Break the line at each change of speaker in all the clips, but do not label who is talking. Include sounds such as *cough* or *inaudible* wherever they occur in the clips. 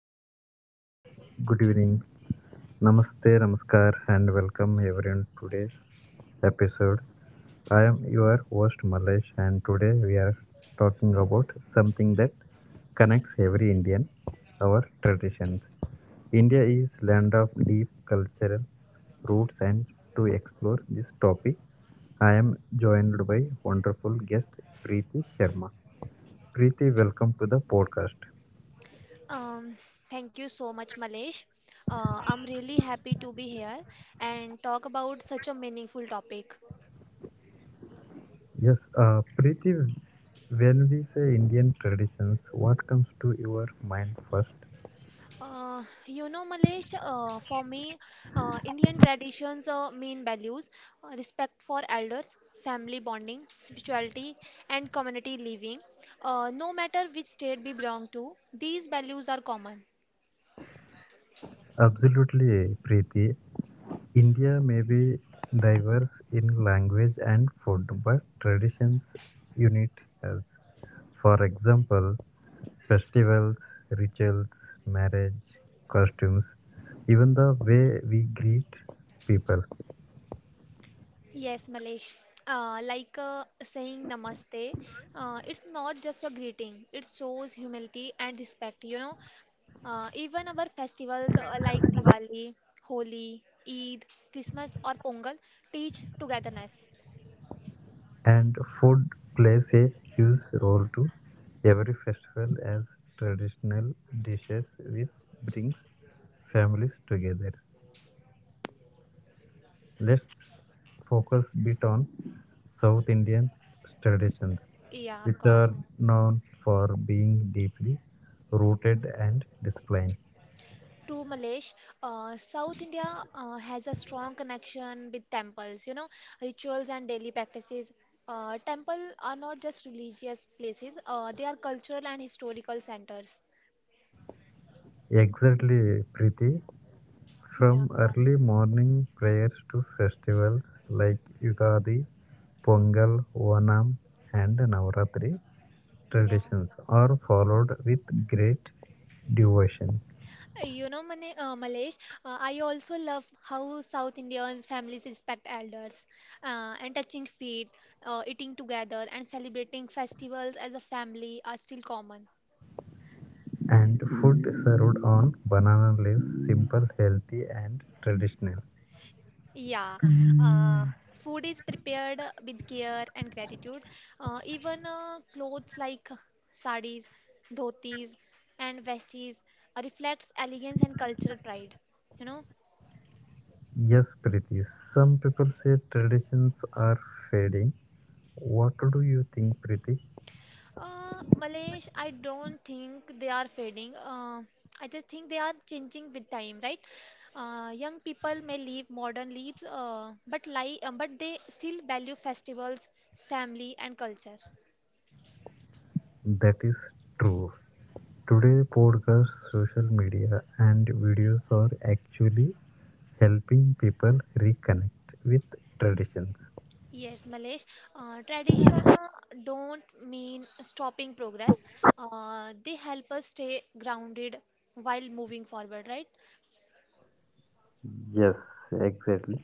Hi everyone, good evening. Namaste, Namaskar, and welcome everyone to today's episode. I am your host Malesh, and today we are talking about something that connects every Indian, our traditions. India is land of deep cultural roots, and to explore this topic, I am joined by wonderful guest Preeti Sharma. Preeti, welcome to the podcast.
Um, Thank you so much, Malesh. I'm really happy to be here and talk about such a meaningful topic.
Yes, Preeti, when we say Indian traditions, what comes to your mind first?
Malesh, for me, Indian traditions mean values, respect for elders, family bonding, spirituality, and community living. No matter which state we belong to, these values are common.
Absolutely, Preeti. India may be diverse in language and food, but traditions unite us. For example, festivals, rituals, marriage, costumes, even the way we greet people.
Yes, Malesh. Like, saying namaste, it's not just a greeting, it shows humility and respect. Even our festivals, like Diwali, Holi, Eid, Christmas, or Pongal teach togetherness.
And food plays a huge role too. Every festival has traditional dishes which brings families together. Let's focus bit on South Indian traditions,
Yeah, of
which
course.
are known for being deeply rooted and disciplined.
To Malesh, South India has a strong connection with temples, rituals and daily practices. Temple are not just religious places, they are cultural and historical centers.
Exactly, Preeti.
Yeah,
From early morning prayers to festivals like Ugadi, Pongal, Onam, and Navaratri,
yeah.
traditions are followed with great devotion.
Malesh, I also love how South Indians families respect elders, and touching feet, eating together, and celebrating festivals as a family are still common.
And food served on banana leaves, simple, healthy, and traditional.
Yeah, uh, food is prepared with care and gratitude. Even clothes like saris, dhotis, and vesties reflects elegance and cultural pride. You know.
Yes, Preeti, some people say traditions are fading. What do you think, Preeti?
Malesh, I don't think they are fading. I just think they are changing with time, right? Young people may leave modern lives, but they still value festivals, family, and culture.
That is true. Today, podcasts, social media, and videos are actually helping people reconnect with traditions.
Yes, Malesh, tradition don't mean stopping progress. They help us stay grounded while moving forward, right?
Yes, exactly.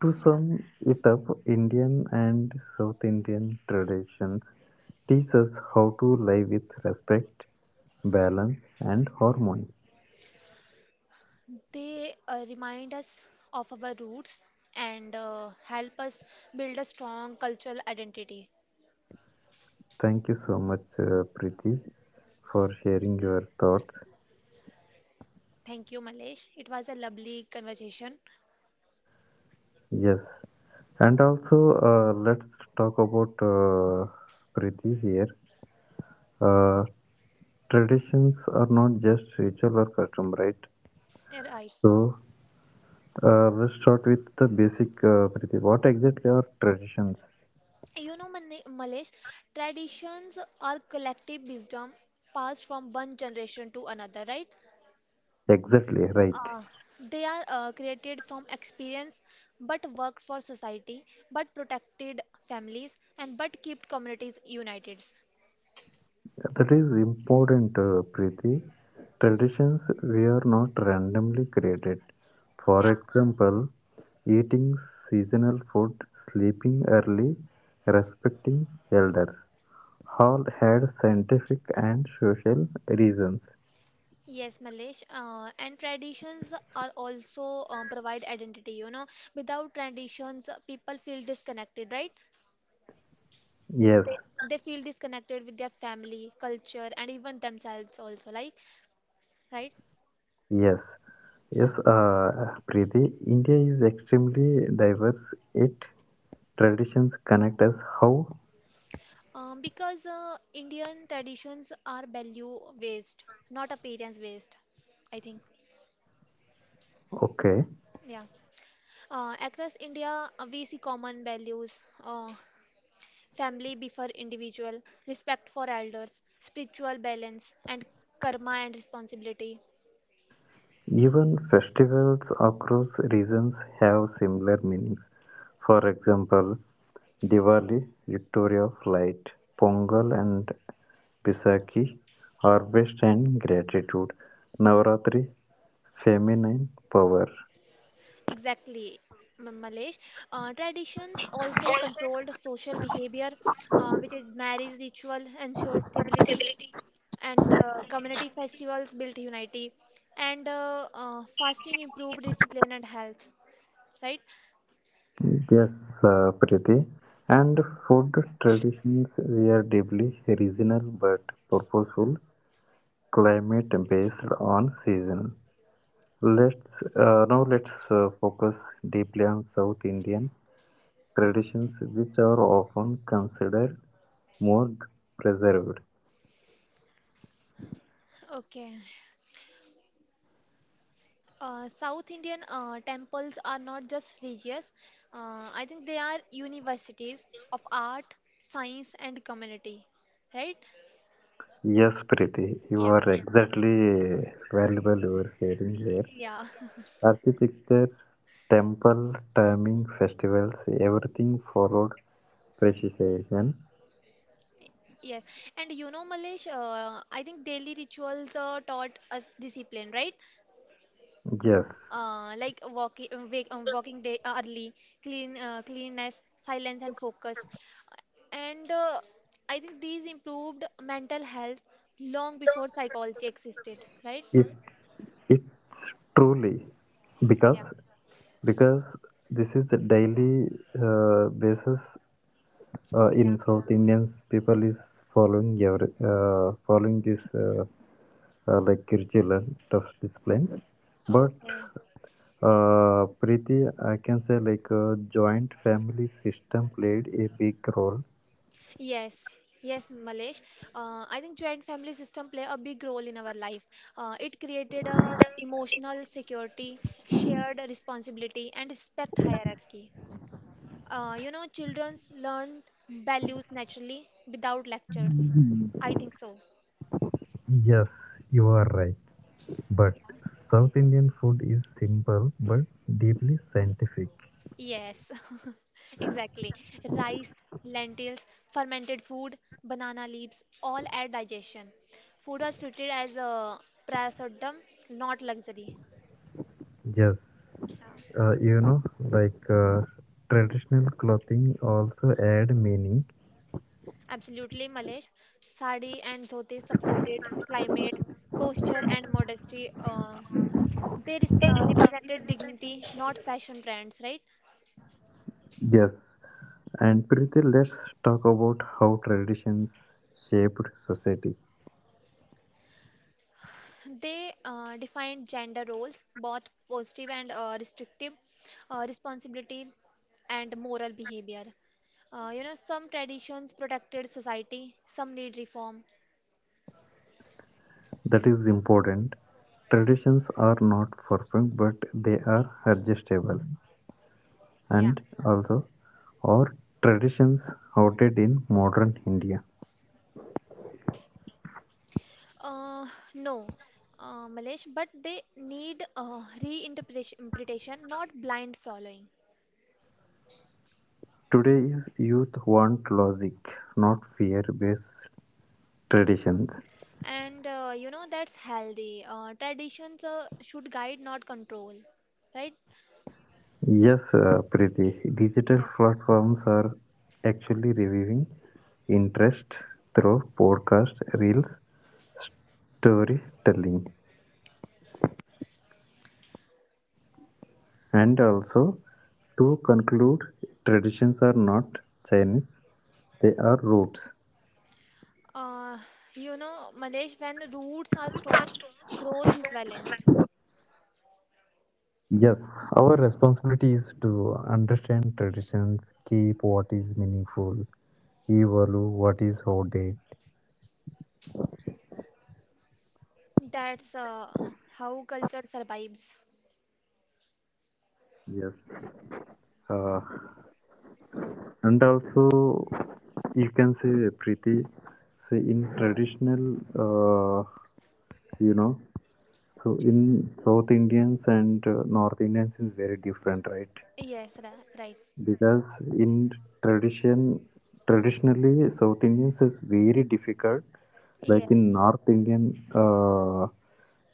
To
Yeah.
sum it up, Indian and South Indian traditions teach us how to live with respect, balance, and harmony.
They remind us of our roots and help us build a strong cultural identity.
Thank you so much, Preeti, for sharing your thoughts.
Thank you, Malesh. It was a lovely conversation.
Yes. And also, let's talk about Preeti here. Uh, traditions are not just ritual or custom, right?
Yeah, right.
So, let's start with the basic, Preeti. What exactly are traditions?
Malesh, traditions are collective wisdom passed from one generation to another, right?
Exactly, right.
They are created from experience, but worked for society, but protected families, and but kept communities united.
That is important, Preeti. Traditions were not randomly created. For
Yeah.
example, eating seasonal food, sleeping early, respecting elders. All had scientific and social reasons.
Yes, Malesh. And traditions are also provide identity. Without traditions, people feel disconnected, right?
Yes,
They feel disconnected with their family, culture, and even themselves also, like, right?
yes, yes,
Yeah.
Preeti. India is extremely diverse. It traditions connect us how?
Because Indian traditions are value based, not appearance based, I think.
Okay.
Yeah. Across India, we see common values. Uh, Family before individual, respect for elders, spiritual balance, and karma and responsibility.
Even festivals across regions have similar meanings, for example, Diwali (Victory of Light), Pongal and Baisakhi (Harvest and Gratitude), Navaratri (Feminine Power).
Exactly, Malesh. Traditions also controlled social behavior, which is marriage ritual ensures stability, and community festivals built unity, and fasting improved discipline and health. Right?
Yes, Preeti. And food traditions were deeply regional but purposeful, climate based on season. Let's now let's focus deeply on South Indian traditions, which are often considered more preserved.
Okay. South Indian temples are not just religious, I think they are universities of art, science, and community, right?
Yes, Preeti, you
Yeah,
are exactly valuable. You are sharing here.
yeah,
Architecture, temple, timing, festivals, everything followed precision.
*laughs* yes. And, Malesh, I think daily rituals taught us discipline, right?
Yes,
Like walking, wake, walking day early, clean, cleanness, silence, and focus. And I think these improved mental health long before psychology existed, right?
it it's truly because
Yeah.
because this is the daily basis. In
Yeah.
South Indians, people is following following this like curricular tough discipline. But
Okay.
Preeti, I can say like joint family system played a big role.
Yes. Yes, Malesh. I think joint family system play a big role in our life. It created a emotional security, shared responsibility, and respect hierarchy. Children learn values naturally without lectures. I think so.
Yes, you are right. But
Yeah.
South Indian food is simple but deeply scientific.
Yes, *laughs* exactly. Rice, lentils, fermented food, banana leaves, all add digestion. Food was treated as a prasadam, not luxury.
Yes,
Yeah.
like traditional clothing also add meaning.
Absolutely, Malesh. Sari and dhoti supported climate, posture, and modesty. They represented dignity, not fashion trends, right?
Yes, and Preeti, let's talk about how traditions shaped society.
They defined gender roles, both positive and restrictive, responsibility and moral behavior. Some traditions protected society, some need reform.
That is important. Traditions are not perfect, but they are adjustable.
Yeah.
And also, our traditions outed in modern India.
Uh, no, Malesh, but they need reinterpretation, not blind following.
Today's youth want logic, not fear based traditions.
And that's healthy. Traditions should guide, not control, right?
Yes, Pritesh, digital
Yeah.
platforms are actually reviving interest through podcast, reels, storytelling. And also, to conclude, traditions are not Chinese, they are roots.
Uh, you know, Malesh, when roots are strong, growth is balanced.
Yes, our responsibility is to understand traditions, keep what is meaningful, evolve what is outdated.
That's how culture survives.
Yes. Uh, And also, you can say Preeti, say in traditional, uh, you know, so in South Indians and North Indians is very different, right?
Yes, right.
Because in tradition, traditionally, South Indians is very difficult. Like in
Yes.
North Indian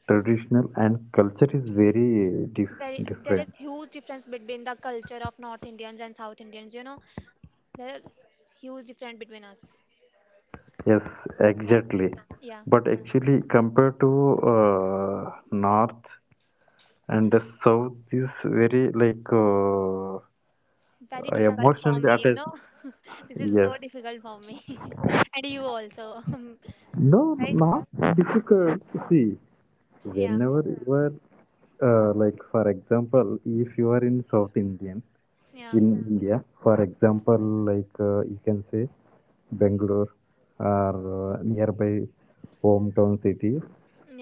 traditional and culture is very
Very, there
different.
is huge difference between the culture of North Indians and South Indians. There are huge difference between us.
Yes,
Yeah.
exactly.
Yeah.
But actually, compared to north and the south is very like
Very difficult for
emotionally
me, you
attached.
know. *laughs* This is
Yes.
so difficult for me. *laughs* And you also. *laughs*
No,
Right?
no, not difficult. See,
Yeah.
whenever you are, like for example, if you are in South Indian,
Yeah.
in India. For example, like you can say Bangalore or nearby hometown city,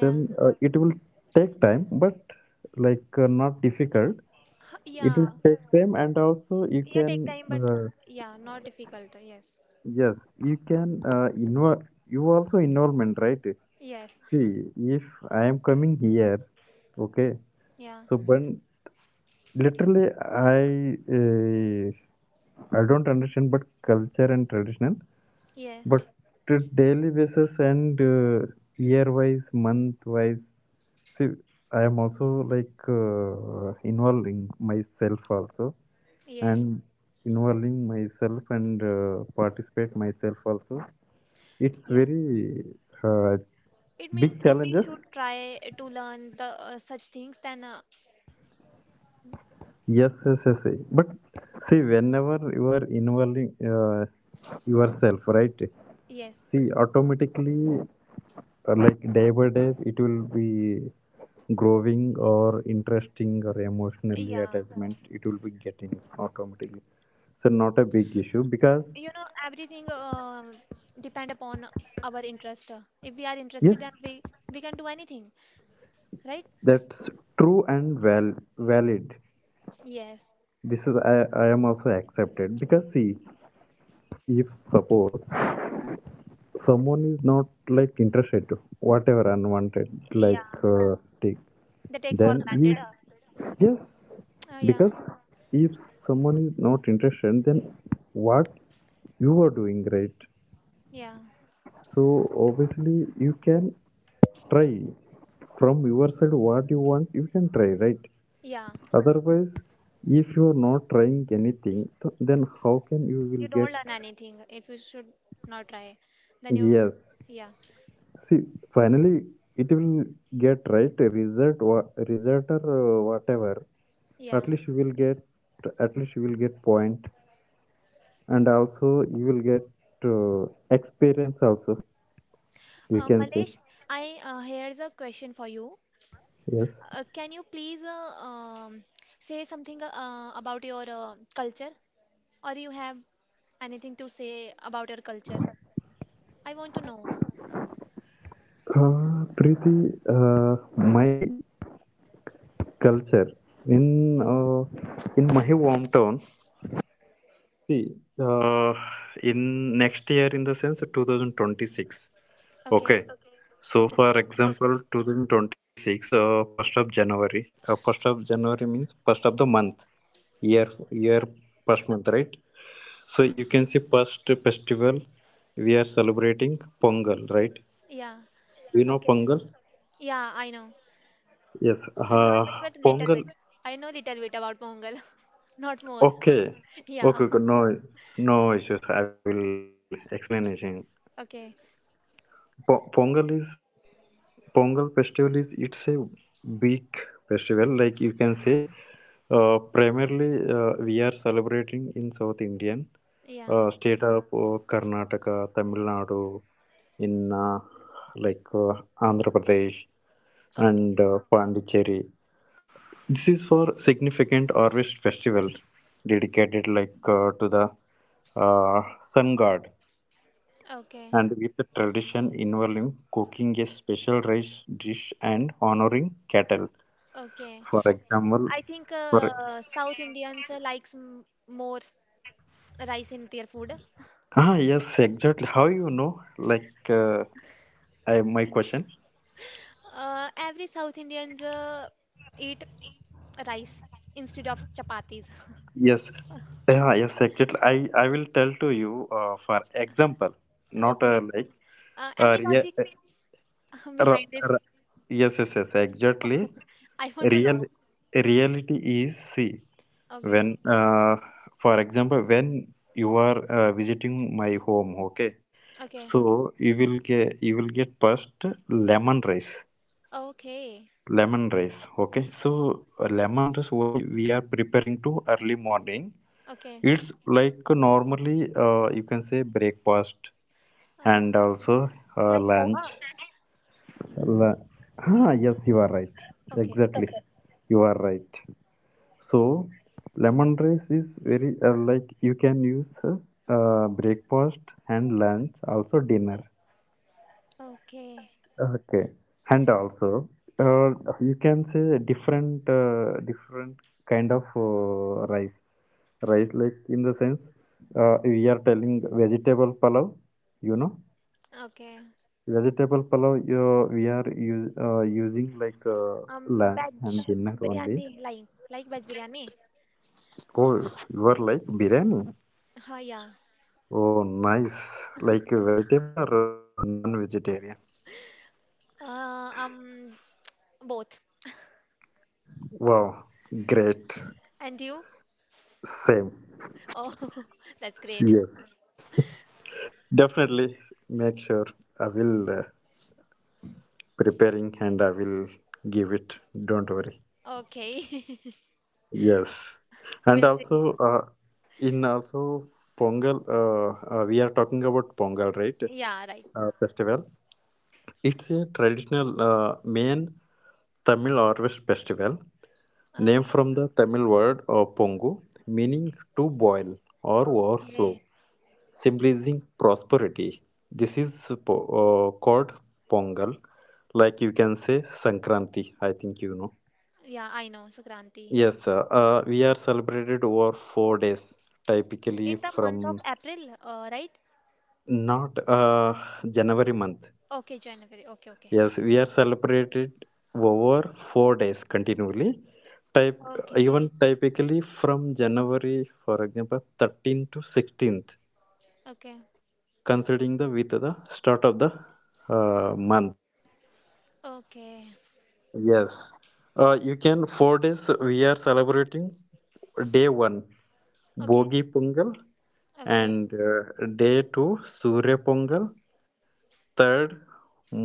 then it will take time, but like not difficult.
Huh,
It
yeah.
will take time, and also you
Yeah,
can
take time, but yeah, not difficult. Yes.
Yes, you can involve you also involvement, right?
Yes.
See, if I am coming here, okay,
Yeah.
so but literally I don't understand, but culture and traditional.
Yeah.
But the daily basis and year wise, month wise, see, I am also like involving myself also
Yes.
and involving myself and participate myself also. It's
Yeah.
very uh,
It
big
means if we
challenges.
should try to learn the such things, then
Yes, yes, yes. Yes. But see, whenever you are involving yourself, right?
yes.
See, automatically, like day by day, it will be growing or interesting or emotionally
Yeah.
attachment. It will be getting automatically. So not a big issue because
Everything depend upon our interest. If we are
yes,
interested, then we can do anything, right?
that's true and valid.
Yes.
This is I am also accepted because see, if suppose someone is not like interested to whatever unwanted
Yeah.
like take.
They take for
Then
granted.
if yes,
Yeah.
because if someone is not interested then what you are doing, right?
Yeah.
So obviously you can try from your side what you want, you can try, right?
Yeah.
Otherwise if you are not trying anything then how can you
You
will
don't
get
learn anything if you should not try. Then you,
yes.
yeah.
See, finally it will get right result result or whatever. At
Yeah.
least you will get at least you will get point, and also you will get uh, experience also. You can say
Malesh, I here's a question for you.
yes.
Can you please say something about your culture, or you have anything to say about your culture? I want to know.
Preeti, my culture in uh, in my hometown. See, in next year, in the sense 2026.
Okay,
Okay. So,
okay,
for example, 2026, first of January. First of January means first of the month, year,
okay.
first month, right? So
Mm,
you can see first festival we are celebrating Pongal, right?
yeah,
You know
okay.
Pongal?
Yeah, I know.
Yes.
Not much, but little
Pongal.
bit. I know little bit about Mongol, *laughs* not more.
Okay.
Yeah.
Okay. Okay.
*laughs*
No, no issues. I will explanation.
Okay.
Pongal is Pongal festival is it's a big festival. Like you can say, primarily we are celebrating in South Indian
Yeah.
state of Karnataka, Tamil Nadu, in like Andhra Pradesh
Okay.
and Pondicherry. This is for significant harvest festival dedicated like to the uh, sun god
Okay.
and with the tradition involving cooking a special rice dish and honoring cattle.
Okay.
For example,
I think
for
South Indians likes m more rice in their food.
ah yes, exactly. How you know? Like my question.
Every South Indians eat rice instead of chapatis. *laughs*
Yes, yeah, yes, exactly. I will tell to you. For example, not
Okay.
like uh,
Any
rea-
logic *laughs*
r-
behind this?
r- yes, yes, yes, exactly.
I want to
Real
know.
reality is see.
Okay.
When for example when you are visiting my home, okay,
Okay.
so you will get first lemon rice.
Okay.
Lemon rice, okay. So lemon rice why we are preparing to early morning.
Okay.
It's like normally you can say breakfast
Uh,
and also
like
lunch.
poha.
La- yes you are right,
Okay.
exactly. Okay, you are right. So, lemon rice is very like you can use breakfast and lunch, also dinner.
Okay.
Okay, and also uh, you can say different kind of rice. Rice like in the sense we are telling vegetable palav, you know.
Okay.
Vegetable palav we are using like lunch
Veg
and dinner only.
biryani, like veg biryani.
Oh, you are like biryani.
Ha, yeah.
Oh, nice. Like a vegetable or non-vegetarian?
Uh, um, Both.
Wow, great.
And you?
Same.
Oh, *laughs* that's great.
Yes. Definitely make sure I will preparing and I will give it. Don't worry.
Okay. *laughs*
Yes. And
We'll see.
also in also Pongal, we are talking about Pongal, right?
Yeah, right.
Festival. It's a traditional main Tamil harvest festival. Name
Okay.
from the Tamil word pongu, meaning to boil or overflow,
Okay. Okay.
symbolizing prosperity. This is called Pongal, like you can say Sankranti, I think you know.
Yeah, I know, Sankranti.
Yes, sir. We are celebrated over 4 days, typically
In the month of
from
April, right?
not January month.
Okay, January. Okay, okay.
Yes, we are celebrated over 4 days continually. Type
Okay.
even typically from January, for example, 13th to 16th,
Okay.
considering the with the start of the month.
Okay.
Yes, you can 4 days. We are celebrating day one,
Okay.
Bogi Pongal,
Okay.
and day two, Surya Pongal. Third,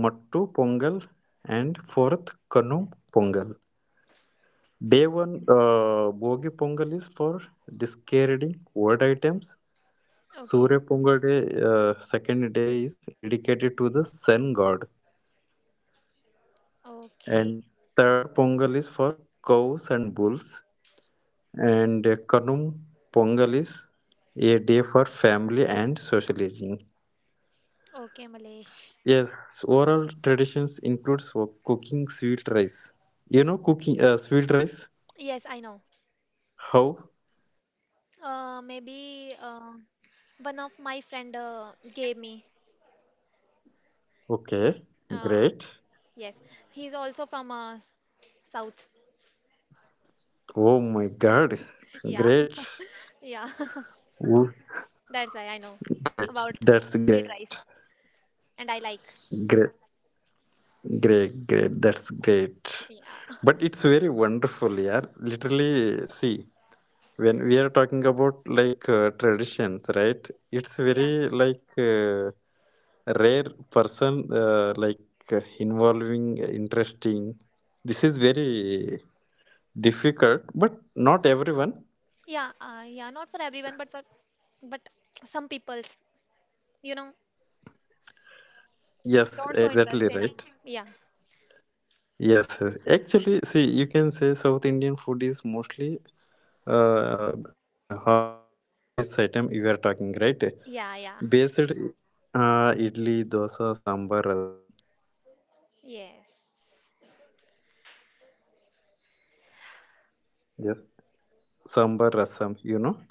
Mattu Pongal, and fourth, Kanum Pongal. Day one, Bogi Pongal is for discarding old items.
Okay.
Surya Pongal day, second day is dedicated to the sun god,
Okay.
and third Pongal is for cows and bulls, and Kanum Pongal is a day for family and socializing.
Okay, Malesh.
Yes, oral traditions includes cooking sweet rice. You know cooking sweet rice?
Yes, I know.
How?
Maybe one of my friend gave me.
Okay,
Uh,
great.
yes, he's also from South.
Oh my God.
*laughs* Yeah.
Great.
Yeah, *laughs*
Wo-
that's why I know
Great.
about
That's
sweet
great.
rice and I like.
Great. Great. Great. That's great.
Yeah.
But
*laughs*
it's very wonderful, yeah. Literally, see, when we are talking about like traditions, right? It's
Yeah.
very like rare person, like involving, interesting. This is very difficult, but not everyone.
Yeah, yeah, not for everyone but some people's, you know,
Yes,
don't so
exactly
interest in.
right.
Yeah.
Yes, yes. Actually, see, you can say South Indian food is mostly almost all rice item you are talking, right?
Yeah, yeah.
Based idli, dosa, sambar, rasam.
Yes.
Yes. Sambar, rasam, you know?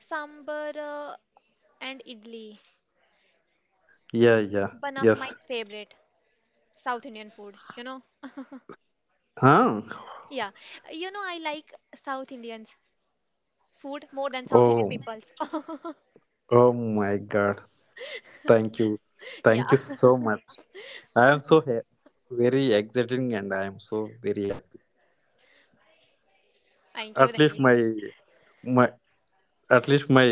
Sambar and idli,
Yeah, yeah.
one of my
Yes.
favorite South Indian food.
Huh?
*laughs* Yeah. You know I like South Indians food more than South Indian
Oh,
people's. *laughs*
oh my God. Thank you.
Yeah.
Thank you so much. I am so very excited, and I am so very happy.
*laughs* Thank you,
At
thank
least my
you.
my at least my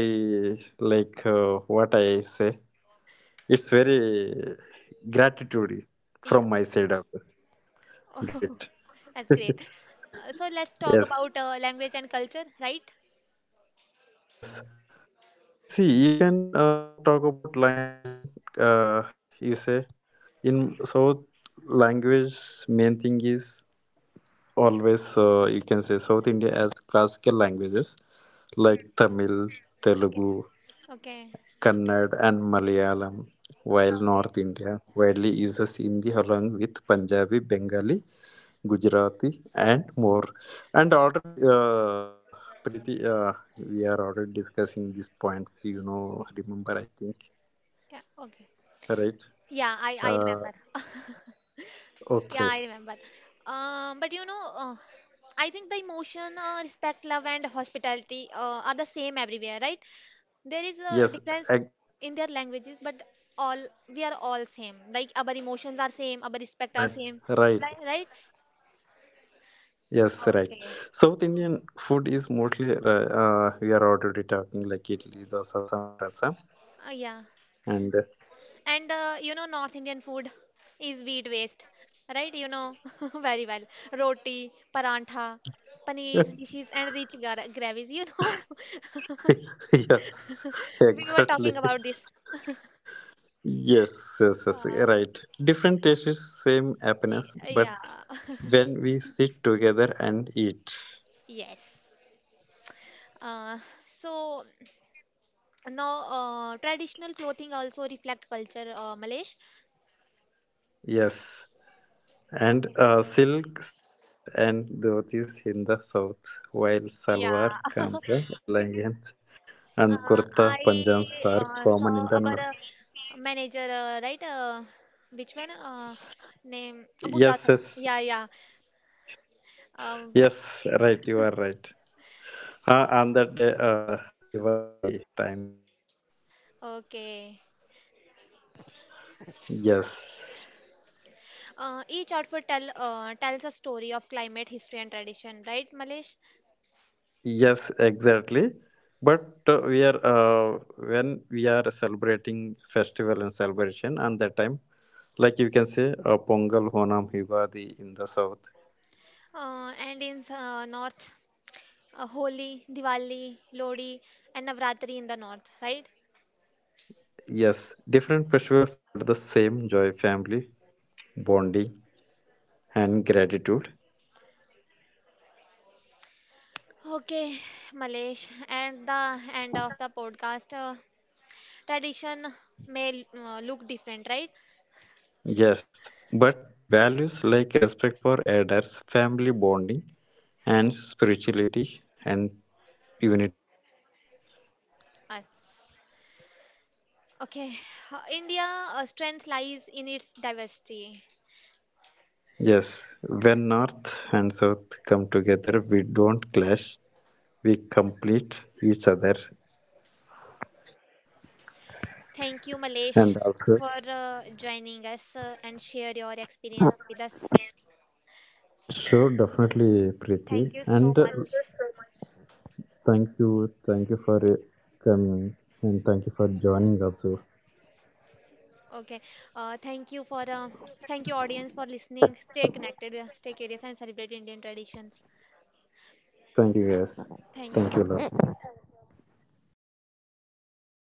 like what I say. It's very gratitude
Yeah.
from my side of
Oh,
great.
*laughs* that's great. So let's talk
Yes,
about language and culture, right?
yes. See, you can talk about language and uh, you say in South language main thing is always you can say South India as classical languages like
Hmm.
Tamil,
Okay.
Telugu,
Okay.
Kannad, and Malayalam. While North
Okay.
India widely uses Hindi along with Punjabi, Bengali, Gujarati and more. And already, Preeti, we are already discussing these points. You know, remember, I think,
Yeah. Okay.
right?
Yeah, I
Uh,
remember. *laughs* Yeah,
okay.
I remember. But I think the emotion, respect, love, and hospitality are the same everywhere, right? There is a difference
Yes. ag-
in their languages, but all we are all same. Like our emotions are same, our respect are
Right.
same,
Right.
right? Right?
Yes. Right.
Okay.
South Indian food is mostly. We are already talking like idli, dosa, sambar, asam,
Yeah.
and
And North Indian food is wheat waste, right? You know *laughs* very well. Roti, parantha, paneer
*laughs*
dishes, and rich gravies.
yes,
*laughs* We were talking
exactly.
about this.
Yes, yes, yes,
Uh,
right. Different tastes, same
y-
happiness,
yeah,
but
*laughs*
when we sit together and eat.
yes. Uh, so now, traditional clothing also reflect culture, Malesh.
Yes, and
Okay.
silk saris and dhotis in the south, while
Yeah.
salwar,
*laughs*
kamza, leggings, and
I
kurta, panjams are
uh,
common in
saw
the
about
north.
a manager, right? Which one? Name Buddha
Yes,
sir.
yes,
Yeah, yeah. Um,
yes, right, you are right. On that day, Diwali times, right?
okay.
Yes,
Each outfit tells a story of climate, history, and tradition, right, Malesh?
yes, exactly. But we are when we are celebrating festival and celebration, and that time like you can say a Pongal, Honam, Yugadi in the south.
And in north, Holi, Diwali, Lodi, and Navratri in the north, right?
Yes, different festivals but the same joy, family, bonding, and gratitude.
Okay, Malesh, and the end of the podcast, tradition may look different, right?
Yes, but values like respect for elders, family bonding, and spirituality and unity as
us. Okay, India strength lies in its diversity.
yes. When North and South come together, we don't clash, we complete each other,
Thank you,
and
Malesh,
also.
for joining us and share your experience with us.
Sure, definitely, Preeti.
Thank you so
And
much.
Thank you. Thank you for coming and thank you for joining also.
Okay, uh, thank you for uh, thank you audience for listening. Stay connected, stay curious, and celebrate Indian traditions.
Thank you, yes. Thank you a
Thank you.
lot.